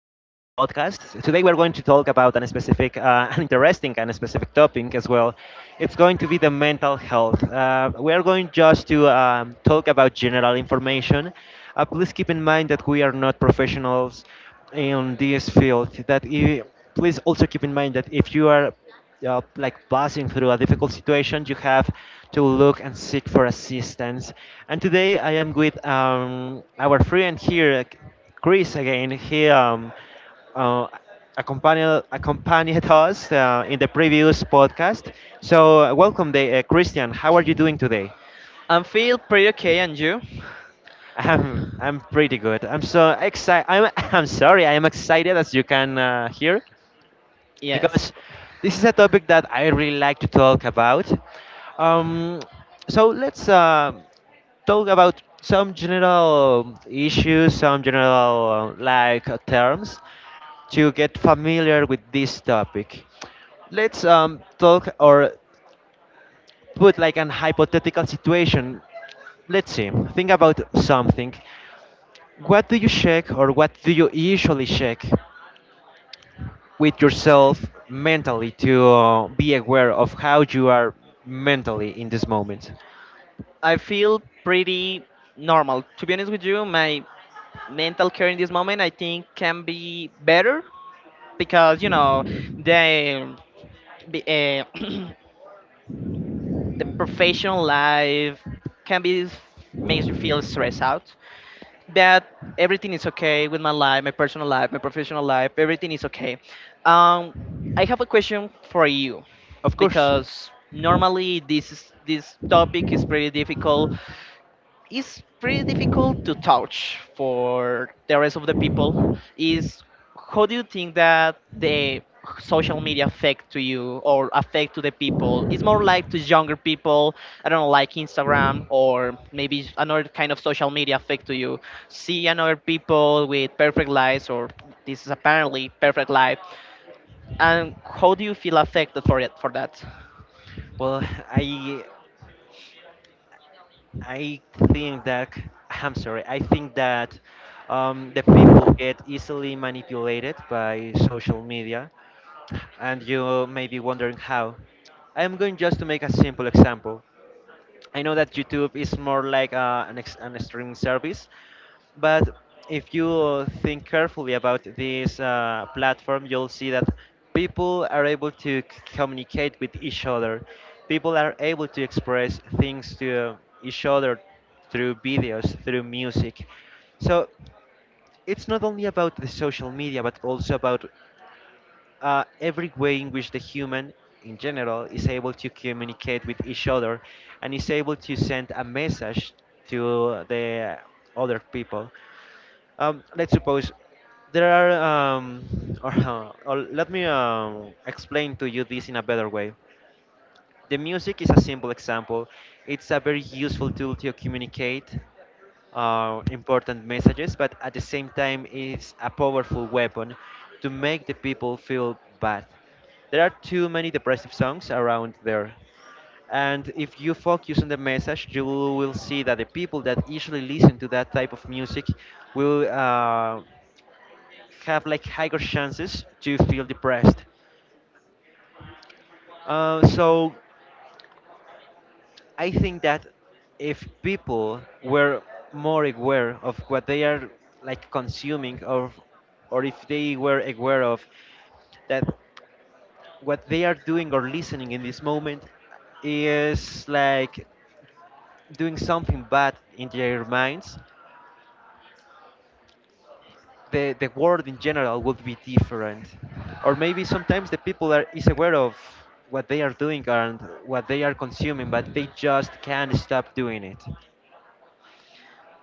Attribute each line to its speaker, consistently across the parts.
Speaker 1: podcasts. Today, we are going to talk about an specific, an interesting and specific topic as well. It's going to be the mental health. We are going just to talk about general information. Please keep in mind that we are not professionals in this field. Please also keep in mind that if you are like passing through a difficult situation, you have to look and seek for assistance. And today I am with our friend here, Chris, again. He uh, accompanied us in the previous podcast. So, welcome, Christian. How are you doing today?
Speaker 2: I feel pretty okay, and you?
Speaker 1: I'm pretty good. I'm so excited. I'm I'm sorry. I am excited as you can hear.
Speaker 2: Yes.
Speaker 1: Because this is a topic that I really like to talk about. Um, so let's talk about some general issues, some general terms to get familiar with this topic. Let's talk or put like an hypothetical situation. Let's see. Think about something. What do you check or what do you usually check with yourself mentally to be aware of how you are mentally in this moment.
Speaker 2: I feel pretty normal. To be honest with you, my mental care in this moment I think can be better because the the, uh, the professional life can be makes you feel stressed out. That everything is okay with my life, my personal life, my professional life. Everything is okay. Um, I have a question for you
Speaker 1: Of course.
Speaker 2: because normally this topic is pretty difficult, it's pretty difficult to touch for the rest of the people, is how do you think that the social media affect to you or affect to the people? It's more like to younger people. I don't know, like Instagram or maybe another kind of social media affect to you, see another people with perfect lives or this is apparently perfect life, and how do you feel affected for it, for that?
Speaker 1: Well, I I think that I'm sorry. I think that the people get easily manipulated by social media, and you may be wondering how. I am going just to make a simple example. I know that YouTube is more like an streaming service, but if you think carefully about this platform, you'll see that people are able to communicate with each other. People are able to express things to each other through videos, through music. So it's not only about the social media, but also about every way in which the human in general is able to communicate with each other and is able to send a message to the other people. Let's suppose there are, or let me explain to you this in a better way. The music is a simple example. It's a very useful tool to communicate important messages, but at the same time, it's a powerful weapon to make the people feel bad. There are too many depressive songs around there. And if you focus on the message, you will see that the people that usually listen to that type of music will have like higher chances to feel depressed. So I think that if people were more aware of what they are like consuming or if they were aware of that what they are doing or listening in this moment is like doing something bad in their minds, the world in general would be different, or maybe sometimes the people are is aware of what they are doing and what they are consuming, but they just can't stop doing it.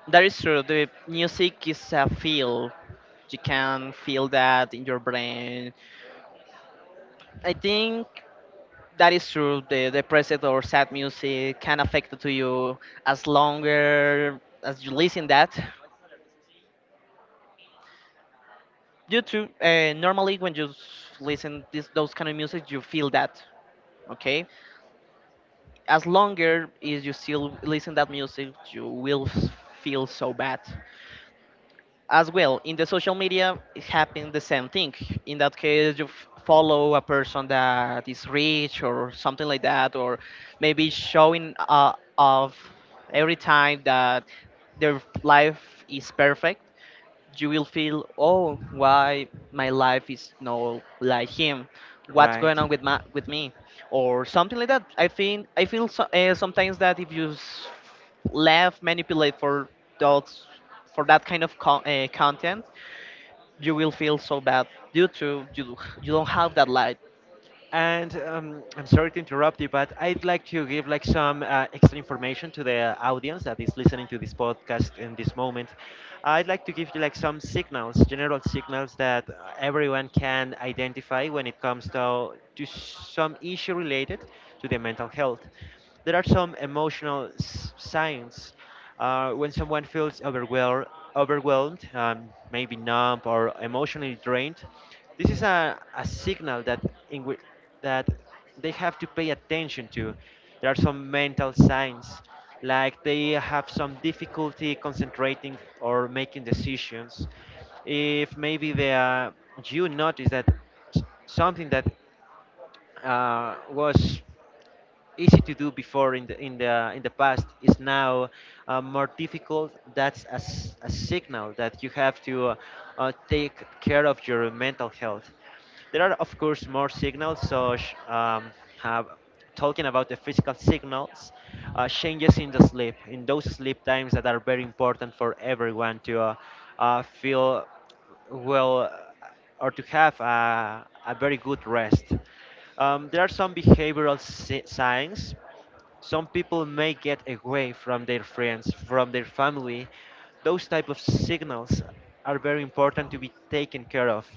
Speaker 2: That is true, the music is a field, you can feel that in your brain. I think that is true. The depressed or sad music can affect to you as longer as you listen that. You too. Normally, when you listen this those kind of music, you feel that. Okay, as longer is you still listen that music, you will feel so bad. As well in the social media it happened the same thing, in that case you follow a person that is rich or something like that, or maybe showing of every time that their life is perfect, you will feel, oh, why my life is not like him? What's
Speaker 1: Right.
Speaker 2: going on with my, with me, or something like that? I think I feel so, sometimes that if you left manipulate for those, for that kind of content, you will feel so bad due to you, you don't have that light.
Speaker 1: And I'm sorry to interrupt you, but I'd like to give like some extra information to the audience that is listening to this podcast in this moment. I'd like to give you like some signals, general signals that everyone can identify when it comes to some issue related to the mental health. There are some emotional signs when someone feels overwhelmed, overwhelmed maybe numb or emotionally drained. This is a signal that in whi- that they have to pay attention to. There are some mental signs, like they have some difficulty concentrating or making decisions. If maybe they are, you notice that something that was easy to do before in the in the past is now more difficult, that's a, a signal that you have to take care of your mental health. There are, of course, more signals. Have, Talking about the physical signals, changes in the sleep, in those sleep times that are very important for everyone to feel well, or to have a very good rest. There are some behavioral signs. Some people may get away from their friends, from their family. Those type of signals are very important to be taken care of.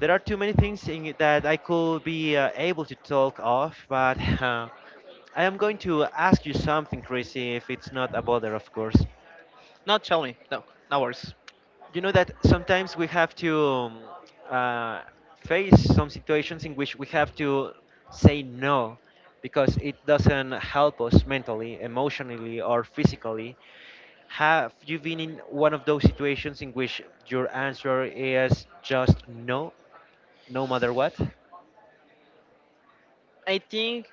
Speaker 1: There are too many things in that I could be able to talk of, but I am going to ask you something, Chrissy, if it's not a bother, of course.
Speaker 2: Not tell me, no, no worries.
Speaker 1: You know that sometimes we have to uh, face some situations in which we have to say no because it doesn't help us mentally, emotionally, or physically. Have you been in one of those situations in which your answer is just no, no matter what?
Speaker 2: I think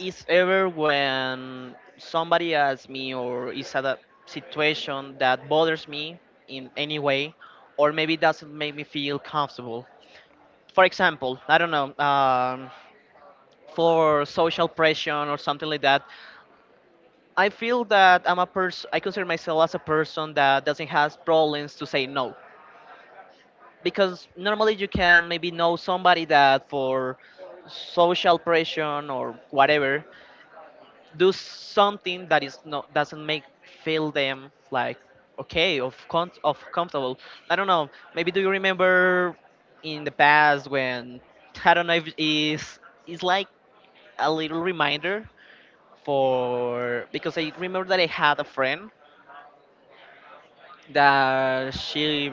Speaker 2: it's ever when somebody asks me or is at a situation that bothers me in any way, or maybe doesn't make me feel comfortable. For example, I don't know, for social pressure or something like that. I feel that I'm a person. I consider myself as a person that doesn't has problems to say no, because normally you can maybe know somebody that, for social pressure or whatever, do something that is not, doesn't make feel them like okay of of comfortable. I don't know, maybe do you remember in the past when, I don't know if is, it's like a little reminder, for, because I remember that I had a friend that she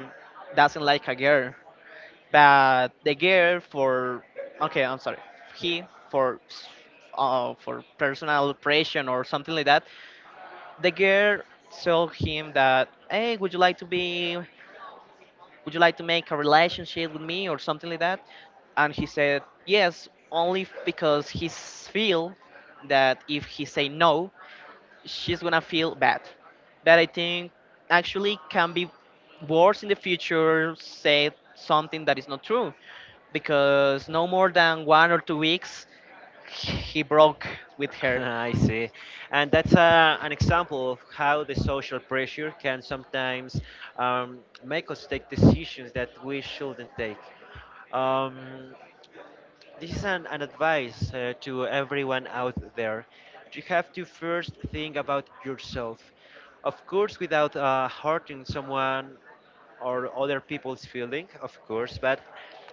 Speaker 2: doesn't like a girl, but the girl for, okay I'm sorry, he, for for personal oppression or something like that, the girl told him that, hey, would you like to be, would you like to make a relationship with me or something like that, and he said yes only because he feel that if he say no, she's gonna feel bad. But I think actually can be worse in the future, say something that is not true, because no more than 1 or 2 weeks he broke with her.
Speaker 1: I see. And that's an example of how the social pressure can sometimes make us take decisions that we shouldn't take. Um, this is an advice to everyone out there. You have to first think about yourself. Of course, without hurting someone or other people's feeling, of course, but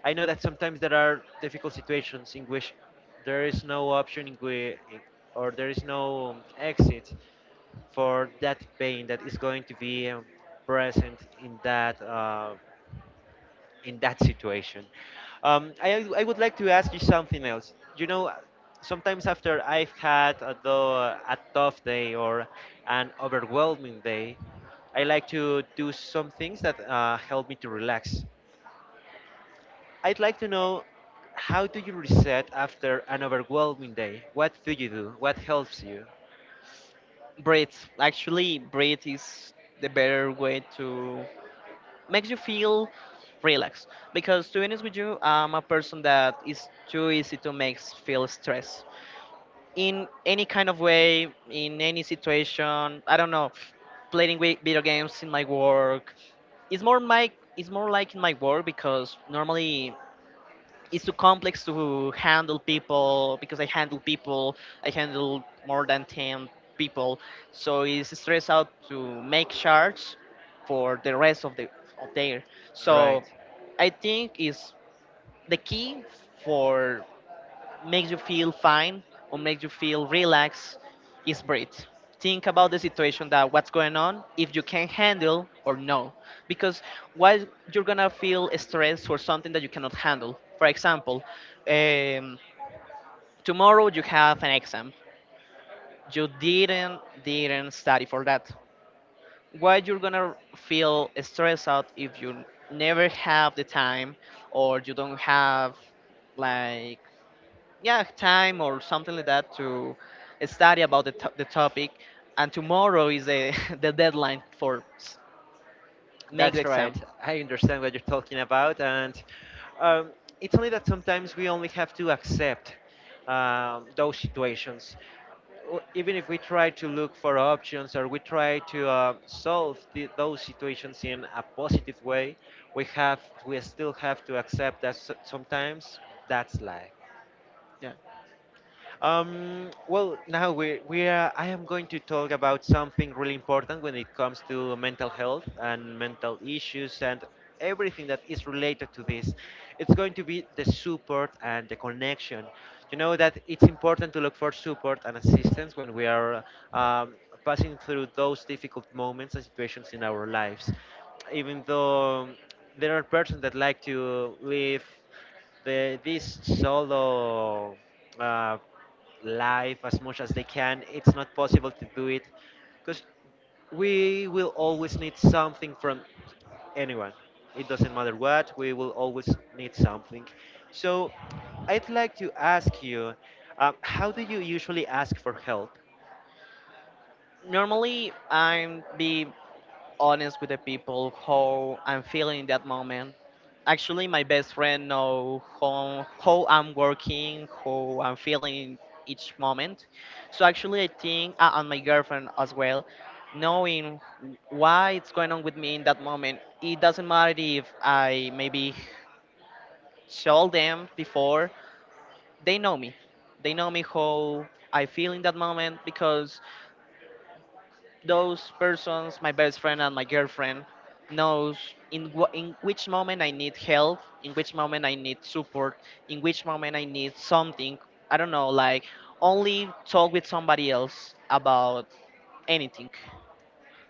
Speaker 1: I know that sometimes there are difficult situations in which there is no option in whi- in- or there is no exit for that pain that is going to be present in that situation. I would like to ask you something else. You know, sometimes after I've had a, though, a tough day or an overwhelming day, I like to do some things that help me to relax. I'd like to know how do you reset after an overwhelming day? What do you do? What helps you?
Speaker 2: Breath, actually breath is the better way to makes you feel relaxed because to be honest with you I'm a person that is too easy to make feel stress in any kind of way, in any situation. I don't know, playing video games, in my work, it's more my, it's more like in my work because normally it's too complex to handle people because I handle people. I handle more than ten people, so it's stress out to make charts for the rest of the, of there.
Speaker 1: Right.
Speaker 2: So I think is the key for makes you feel fine or makes you feel relaxed is breathe. Think about the situation that what's going on, if you can handle or no. Because why you're gonna feel stressed for something that you cannot handle? For example, um, tomorrow you have an exam. You didn't study for that. Why you're gonna feel stressed out if you never have the time or you don't have like, yeah, time or something like that to study about the, the topic, and tomorrow is the, the deadline for make the
Speaker 1: That's right.
Speaker 2: exam?
Speaker 1: I understand what you're talking about, and um, it's only that sometimes we only have to accept those situations. O- Even if we try to look for options or we try to solve the, those situations in a positive way, we still have to accept that sometimes that's life.
Speaker 2: Yeah,
Speaker 1: Well, now I am going to talk about something really important when it comes to mental health and mental issues and everything that is related to this. It's going to be the support and the connection. You know that it's important to look for support and assistance when we are um, passing through those difficult moments and situations in our lives. Even though there are persons that like to live this solo uh, life as much as they can. It's not possible to do it because we will always need something from anyone. It doesn't matter what, we will always need something. So I'd like to ask you, how do you usually ask for help?
Speaker 2: normally I'm be honest with the people how I'm feeling in that moment. Actually, my best friend know how I'm working, how I'm feeling each moment. So actually, I think and my girlfriend as well, knowing why it's going on with me in that moment. It doesn't matter if I maybe told them before. They know me. They know me how I feel in that moment because those persons, my best friend and my girlfriend, knows in which moment I need help, in which moment I need support, in which moment I need something. I don't know, like only talk with somebody else about anything.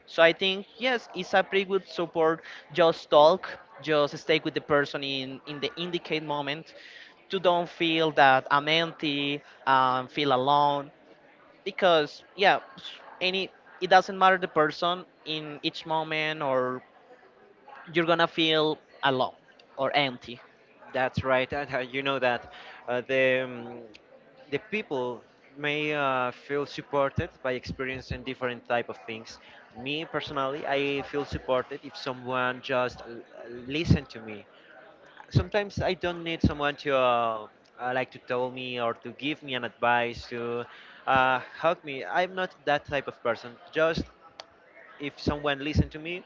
Speaker 2: So I think yes, it's a pretty good support. Just talk, just stay with the person in the indicate moment to don't feel that I'm empty, feel alone, because yeah, any, it doesn't matter the person in each moment or you're gonna feel alone or empty.
Speaker 1: That's right, and you know that uh, the um, the people may feel supported by experiencing different type of things. Me personally, I feel supported if someone just listen to me. Sometimes I don't need someone to like to tell me or to give me an advice to help me. I'm not that type of person. Just if someone listen to me,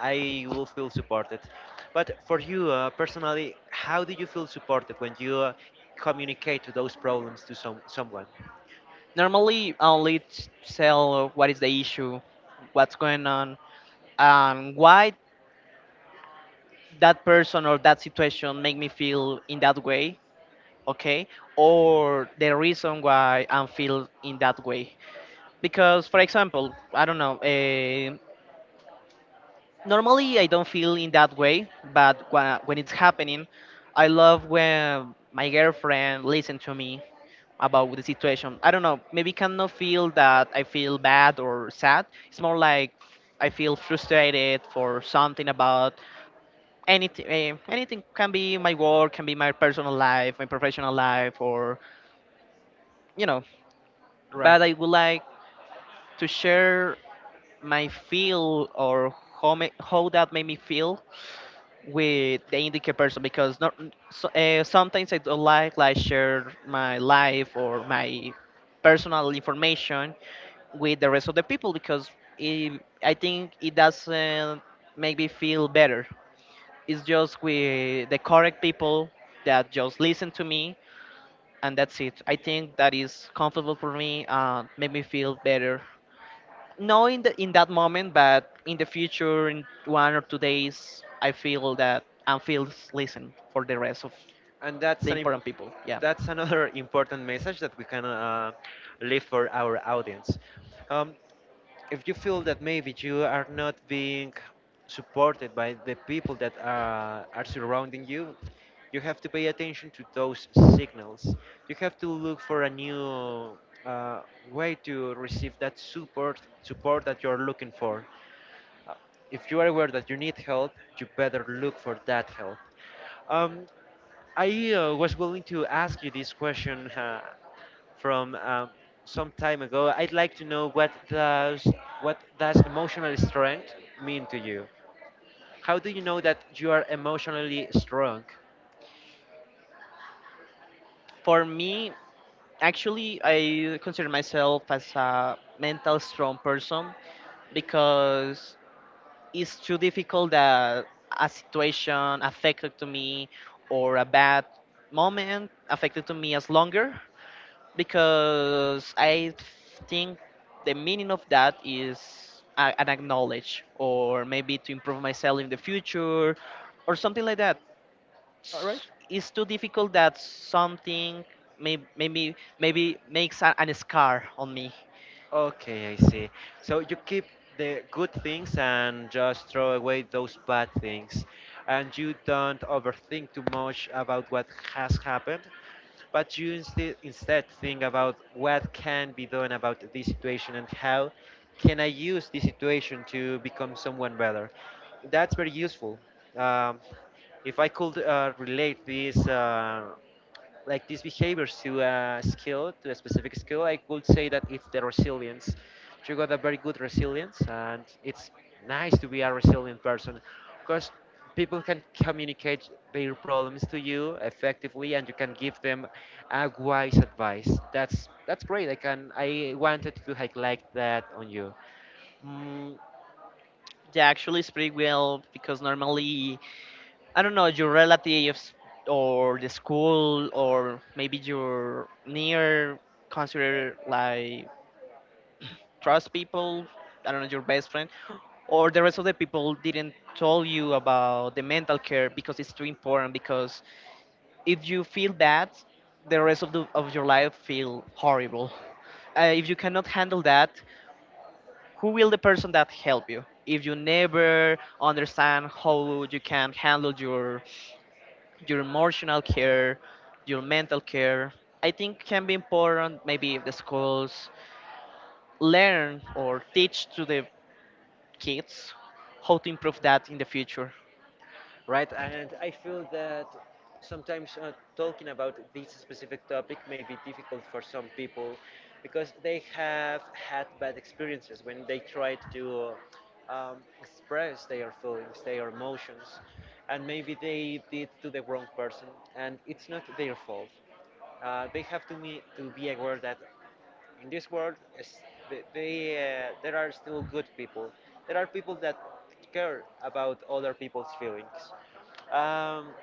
Speaker 1: I will feel supported. But for you personally, how do you feel supported when you communicate to those problems to some someone?
Speaker 2: Normally only tell what is the issue, what's going on, and why that person or that situation make me feel in that way. Okay, or the reason why I'm feel in that way, because for example I don't know, normally I don't feel in that way, but when it's happening, I love when my girlfriend listen to me about the situation. I don't know, maybe cannot feel that I feel bad or sad. It's more like I feel frustrated for something about anything. Anything can be my work, can be my personal life, my professional life, or you know.
Speaker 1: Right.
Speaker 2: But I would like to share my feel or how, how that made me feel with the indicate person, because not, so, sometimes I don't like share my life or my personal information with the rest of the people because it, I think it doesn't make me feel better. It's just with the correct people that just listen to me and that's it. I think that is comfortable for me and make me feel better, no in the, in that moment, but in the future in 1 or 2 days I feel that I'm feels listen for the rest of
Speaker 1: and that's
Speaker 2: the
Speaker 1: an imp-
Speaker 2: important people, yeah.
Speaker 1: That's another important message that we can leave for our audience. Um, if you feel that maybe you are not being supported by the people that are surrounding you, you have to pay attention to those signals. You have to look for a new uh, way to receive that support that you're looking for. Uh, If you are aware that you need help, you better look for that help. Um, I was willing to ask you this question from some time ago. I'd like to know what does emotional strength mean to you? How do you know that you are emotionally strong?
Speaker 2: For me, actually I consider myself as a mental strong person because it's too difficult that a situation affected to me or a bad moment affected to me as longer, because I think the meaning of that is an acknowledge or maybe to improve myself in the future or something like that.
Speaker 1: All right.
Speaker 2: It's too difficult that something may, maybe makes a, an scar on me.
Speaker 1: Okay, I see. So you keep the good things and just throw away those bad things. And you don't overthink too much about what has happened, but you instead think about what can be done about this situation and how can I use this situation to become someone better. That's very useful. Um, if I could relate this. Like these behaviors to a skill, to a specific skill, I would say that it's the resilience. You got a very good resilience, and it's nice to be a resilient person because people can communicate their problems to you effectively, and you can give them a wise advice. That's great. I wanted to highlight that on you. Mm,
Speaker 2: Yeah, actually, it's pretty well because normally I don't know, your relatives or the school or maybe your near, consider like trust people. I don't know, your best friend or the rest of the people didn't tell you about the mental care because it's too important, because if you feel bad, the rest of, the, of your life feel horrible. If you cannot handle that, who will the person that help you if you never understand how you can handle your emotional care, your mental care? I think can be important maybe if the schools learn or teach to the kids how to improve that in the future.
Speaker 1: Right, and I feel that sometimes talking about this specific topic may be difficult for some people because they have had bad experiences when they tried to express their feelings, their emotions, and maybe they did to the wrong person, and it's not their fault. They have to be aware that in this world, there are still good people. There are people that care about other people's feelings. Um,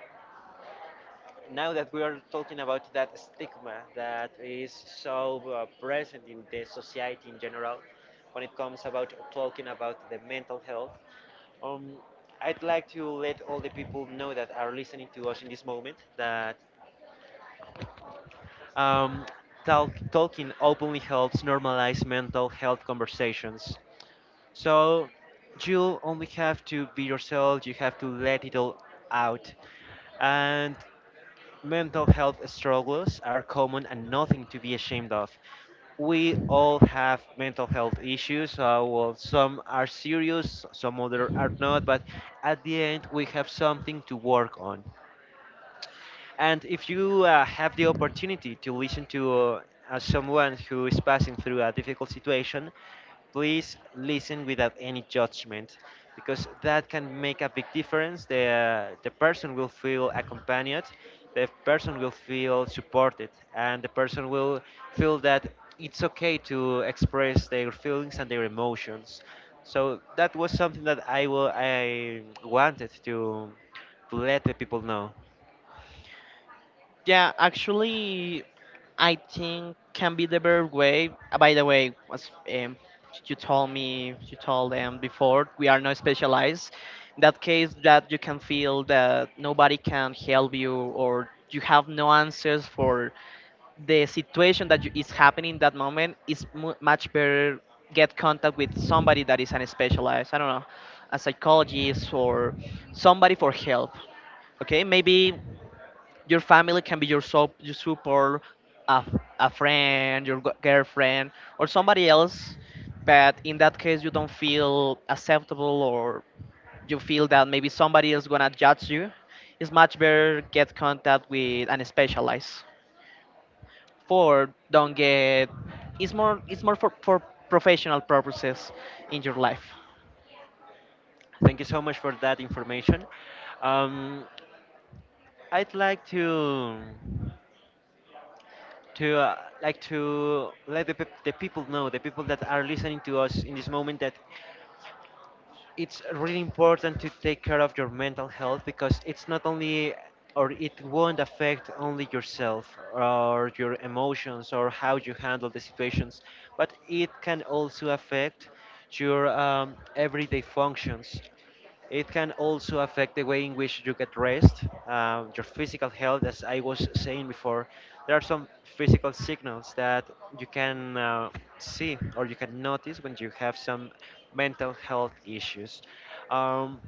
Speaker 1: Now that we are talking about that stigma that is so present in the society in general, when it comes about talking about the mental health, um, I'd like to let all the people know that are listening to us in this moment that um, talking openly helps normalize mental health conversations. So you only have to be yourself. You have to let it all out, and mental health struggles are common and nothing to be ashamed of. We all have mental health issues. Well, some are serious, some other are not, but at the end, we have something to work on. And if you have the opportunity to listen to someone who is passing through a difficult situation, please listen without any judgment because that can make a big difference. The person will feel accompanied, the person will feel supported, and the person will feel that it's okay to express their feelings and their emotions. So that was something that I wanted to let the people know.
Speaker 2: Yeah, actually, I think can be the better way. By the way, as you told me, you told them before, we are not specialized. In that case, that you can feel that nobody can help you or you have no answers for the situation that you, is happening in that moment, is mu much better get contact with somebody that is unspecialized. I don't know, a psychologist or somebody for help. Okay, maybe your family can be your your support, a, a friend, your girlfriend or somebody else, but in that case you don't feel acceptable or you feel that maybe somebody is gonna judge you, it's much better get contact with an specialized, for don't get, it's more, it's more for professional purposes in your life.
Speaker 1: Thank you so much for that information. Um, I'd like to like to let the people know, the people that are listening to us in this moment, that it's really important to take care of your mental health because it's not only or it won't affect only yourself or your emotions or how you handle the situations, but it can also affect your everyday functions. It can also affect the way in which you get rest, your physical health, as I was saying before. There are some physical signals that you can see or you can notice when you have some mental health issues. Um,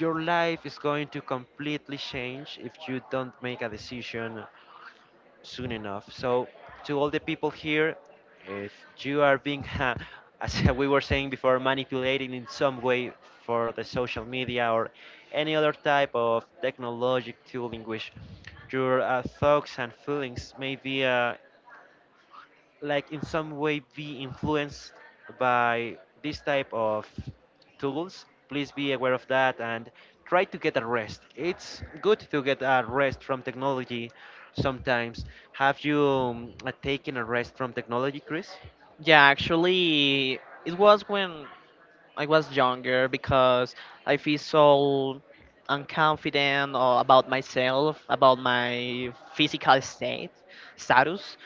Speaker 1: your life is going to completely change if you don't make a decision soon enough. So, to all the people here, if you are being, as we were saying before, manipulated in some way for the social media or any other type of technologic tool in which your thoughts and feelings may be like in some way be influenced by this type of tools, please be aware of that and try to get a rest. It's good to get a rest from technology sometimes. Have you taken a rest from technology, Chris?
Speaker 2: Yeah, actually it was when I was younger because I feel so unconfident or about myself, about my physical state, status.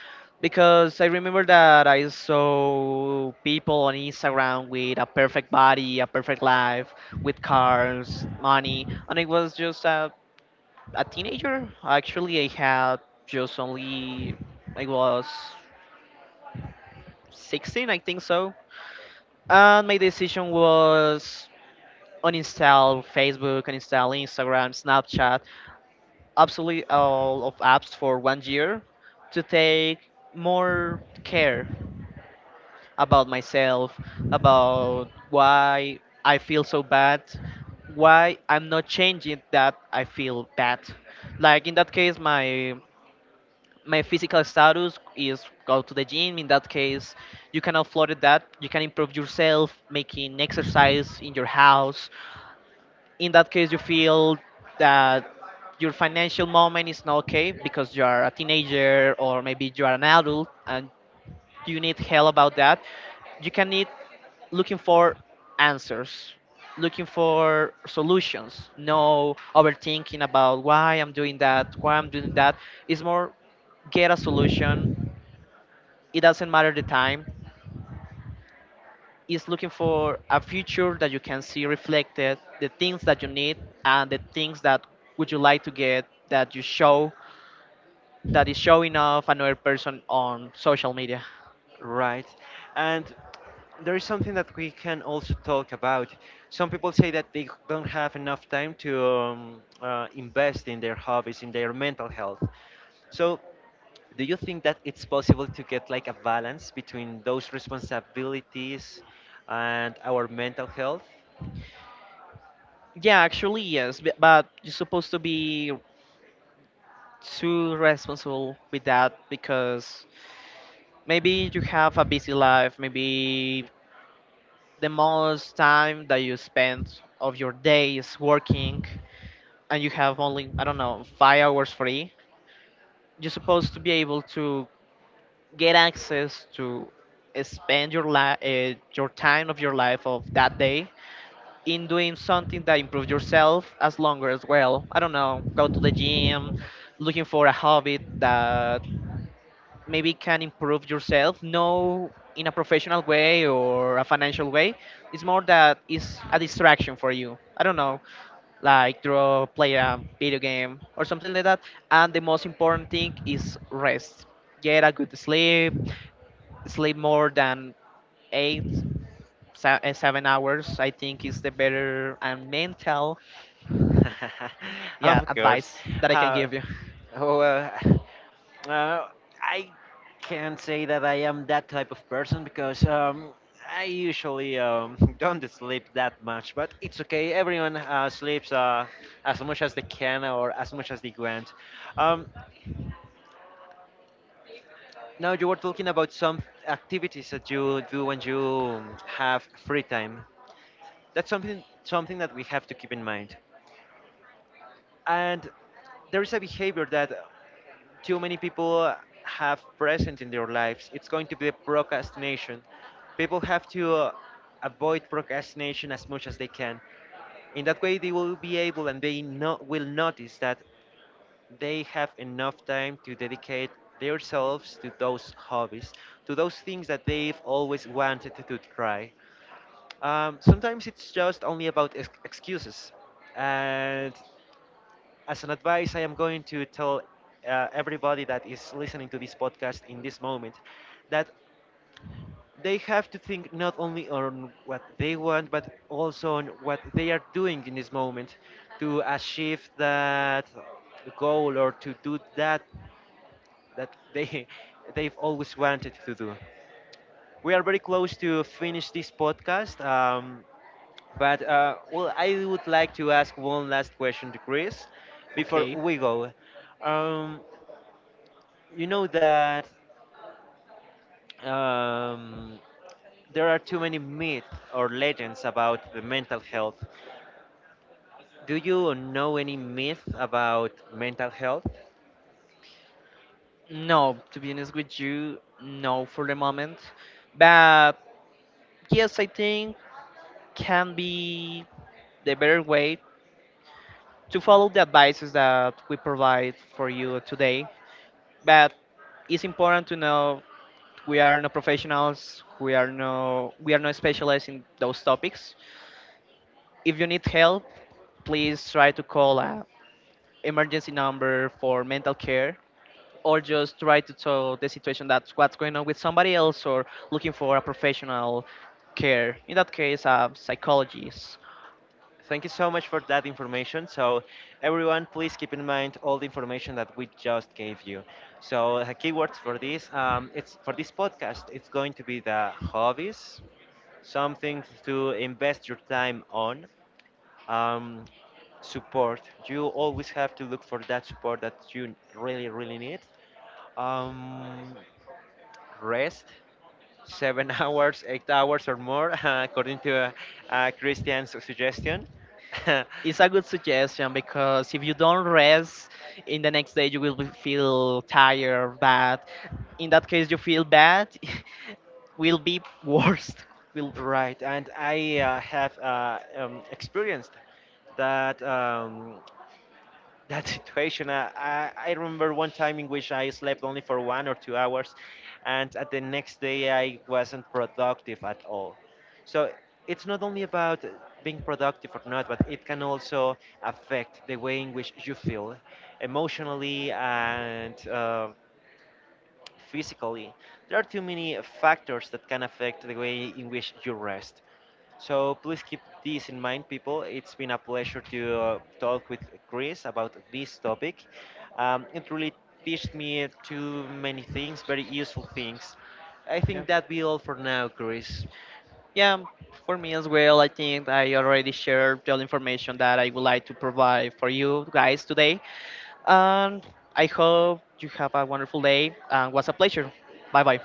Speaker 2: Because I remember that I saw people on Instagram with a perfect body, a perfect life, with cars, money, and I was just a teenager. Actually, I had just only, I was 16, I think so. And my decision was uninstall Facebook, uninstall Instagram, Snapchat, absolutely all of apps for one year to take more care about myself, about why I feel so bad, why I'm not changing that I feel bad. Like in that case, my physical status is go to the gym. In that case, you cannot afford that. You can improve yourself, making exercise in your house, in that case you feel that your financial moment is not okay because you are a teenager or maybe you are an adult and you need help about that, you can need looking for answers, looking for solutions, no overthinking about why I'm doing that, why I'm doing that. It's more get a solution, it doesn't matter the time, is looking for a future that you can see reflected, the things that you need and the things that would you like to get that you show, that is showing off another person on social media.
Speaker 1: Right. And there is something that we can also talk about. Some people say that they don't have enough time to invest in their hobbies, in their mental health. So do you think that it's possible to get like a balance between those responsibilities and our mental health?
Speaker 2: Yeah, actually yes, but you're supposed to be too responsible with that because maybe you have a busy life, maybe the most time that you spend of your day is working and you have only, I don't know, 5 hours free. You're supposed to be able to get access to spend your life, your time of your life of that day in doing something that improves yourself as longer as well, I don't know, go to the gym, looking for a hobby that maybe can improve yourself, no in a professional way or a financial way, it's more that it's a distraction for you, I don't know, like draw, play a video game or something like that. And the most important thing is rest, get a good sleep, sleep more than eight, 7 hours, I think, is the better and mental, yeah,
Speaker 1: Of course.
Speaker 2: advice that I can
Speaker 1: Uh,
Speaker 2: give you.
Speaker 1: oh, uh, I can't say that I am that type of person because I usually don't sleep that much, but it's okay. Everyone sleeps as much as they can or as much as they want. Um, Now you were talking about some activities that you do when you have free time. That's something that we have to keep in mind. And there is a behavior that too many people have present in their lives. It's going to be procrastination. People have to avoid procrastination as much as they can. In that way, they will be able and they will notice that they have enough time to dedicate themselves to those hobbies, to those things that they've always wanted to try. Sometimes it's just only about excuses. And as an advice, I am going to tell everybody that is listening to this podcast in this moment that they have to think not only on what they want, but also on what they are doing in this moment to achieve that goal or to do that that they they've always wanted to do. We are very close to finish this podcast, but well, I would like to ask one last question to Chris before
Speaker 2: Okay.
Speaker 1: we go. Um, you know that um, there are too many myths or legends about the mental health. Do you know any myth about mental health?
Speaker 2: No, to be honest with you, no for the moment. But yes, I think can be the better way to follow the advices that we provide for you today. But it's important to know, we are no professionals, we are no specialized in those topics. If you need help, please try to call a emergency number for mental care, or just try to tell the situation that's what's going on with somebody else, or looking for a professional care, in that case a psychologist.
Speaker 1: Thank you so much for that information. So, everyone, please keep in mind all the information that we just gave you. So, the keywords for this, it's for this podcast, it's going to be the hobbies, something to invest your time on, um, support. You always have to look for that support that you really, really need. Um, Rest, 7 hours, 8 hours or more, according to Christian's suggestion.
Speaker 2: It's a good suggestion because if you don't rest, in the next day you will feel tired, bad, in that case you feel bad, will be worst, will.
Speaker 1: Right, and I have experienced that. That situation. I remember one time in which I slept only for 1 or 2 hours, and at the next day I wasn't productive at all. So it's not only about being productive or not, but it can also affect the way in which you feel emotionally and physically. There are too many factors that can affect the way in which you rest. So please keep this in mind, people. It's been a pleasure to talk with Chris about this topic. It really teached me too many things, very useful things. I
Speaker 2: Yeah.
Speaker 1: think that'd be all for now, Chris.
Speaker 2: Yeah, for me as well, I think I already shared the information that I would like to provide for you guys today. And I hope you have a wonderful day. And was a pleasure. Bye bye.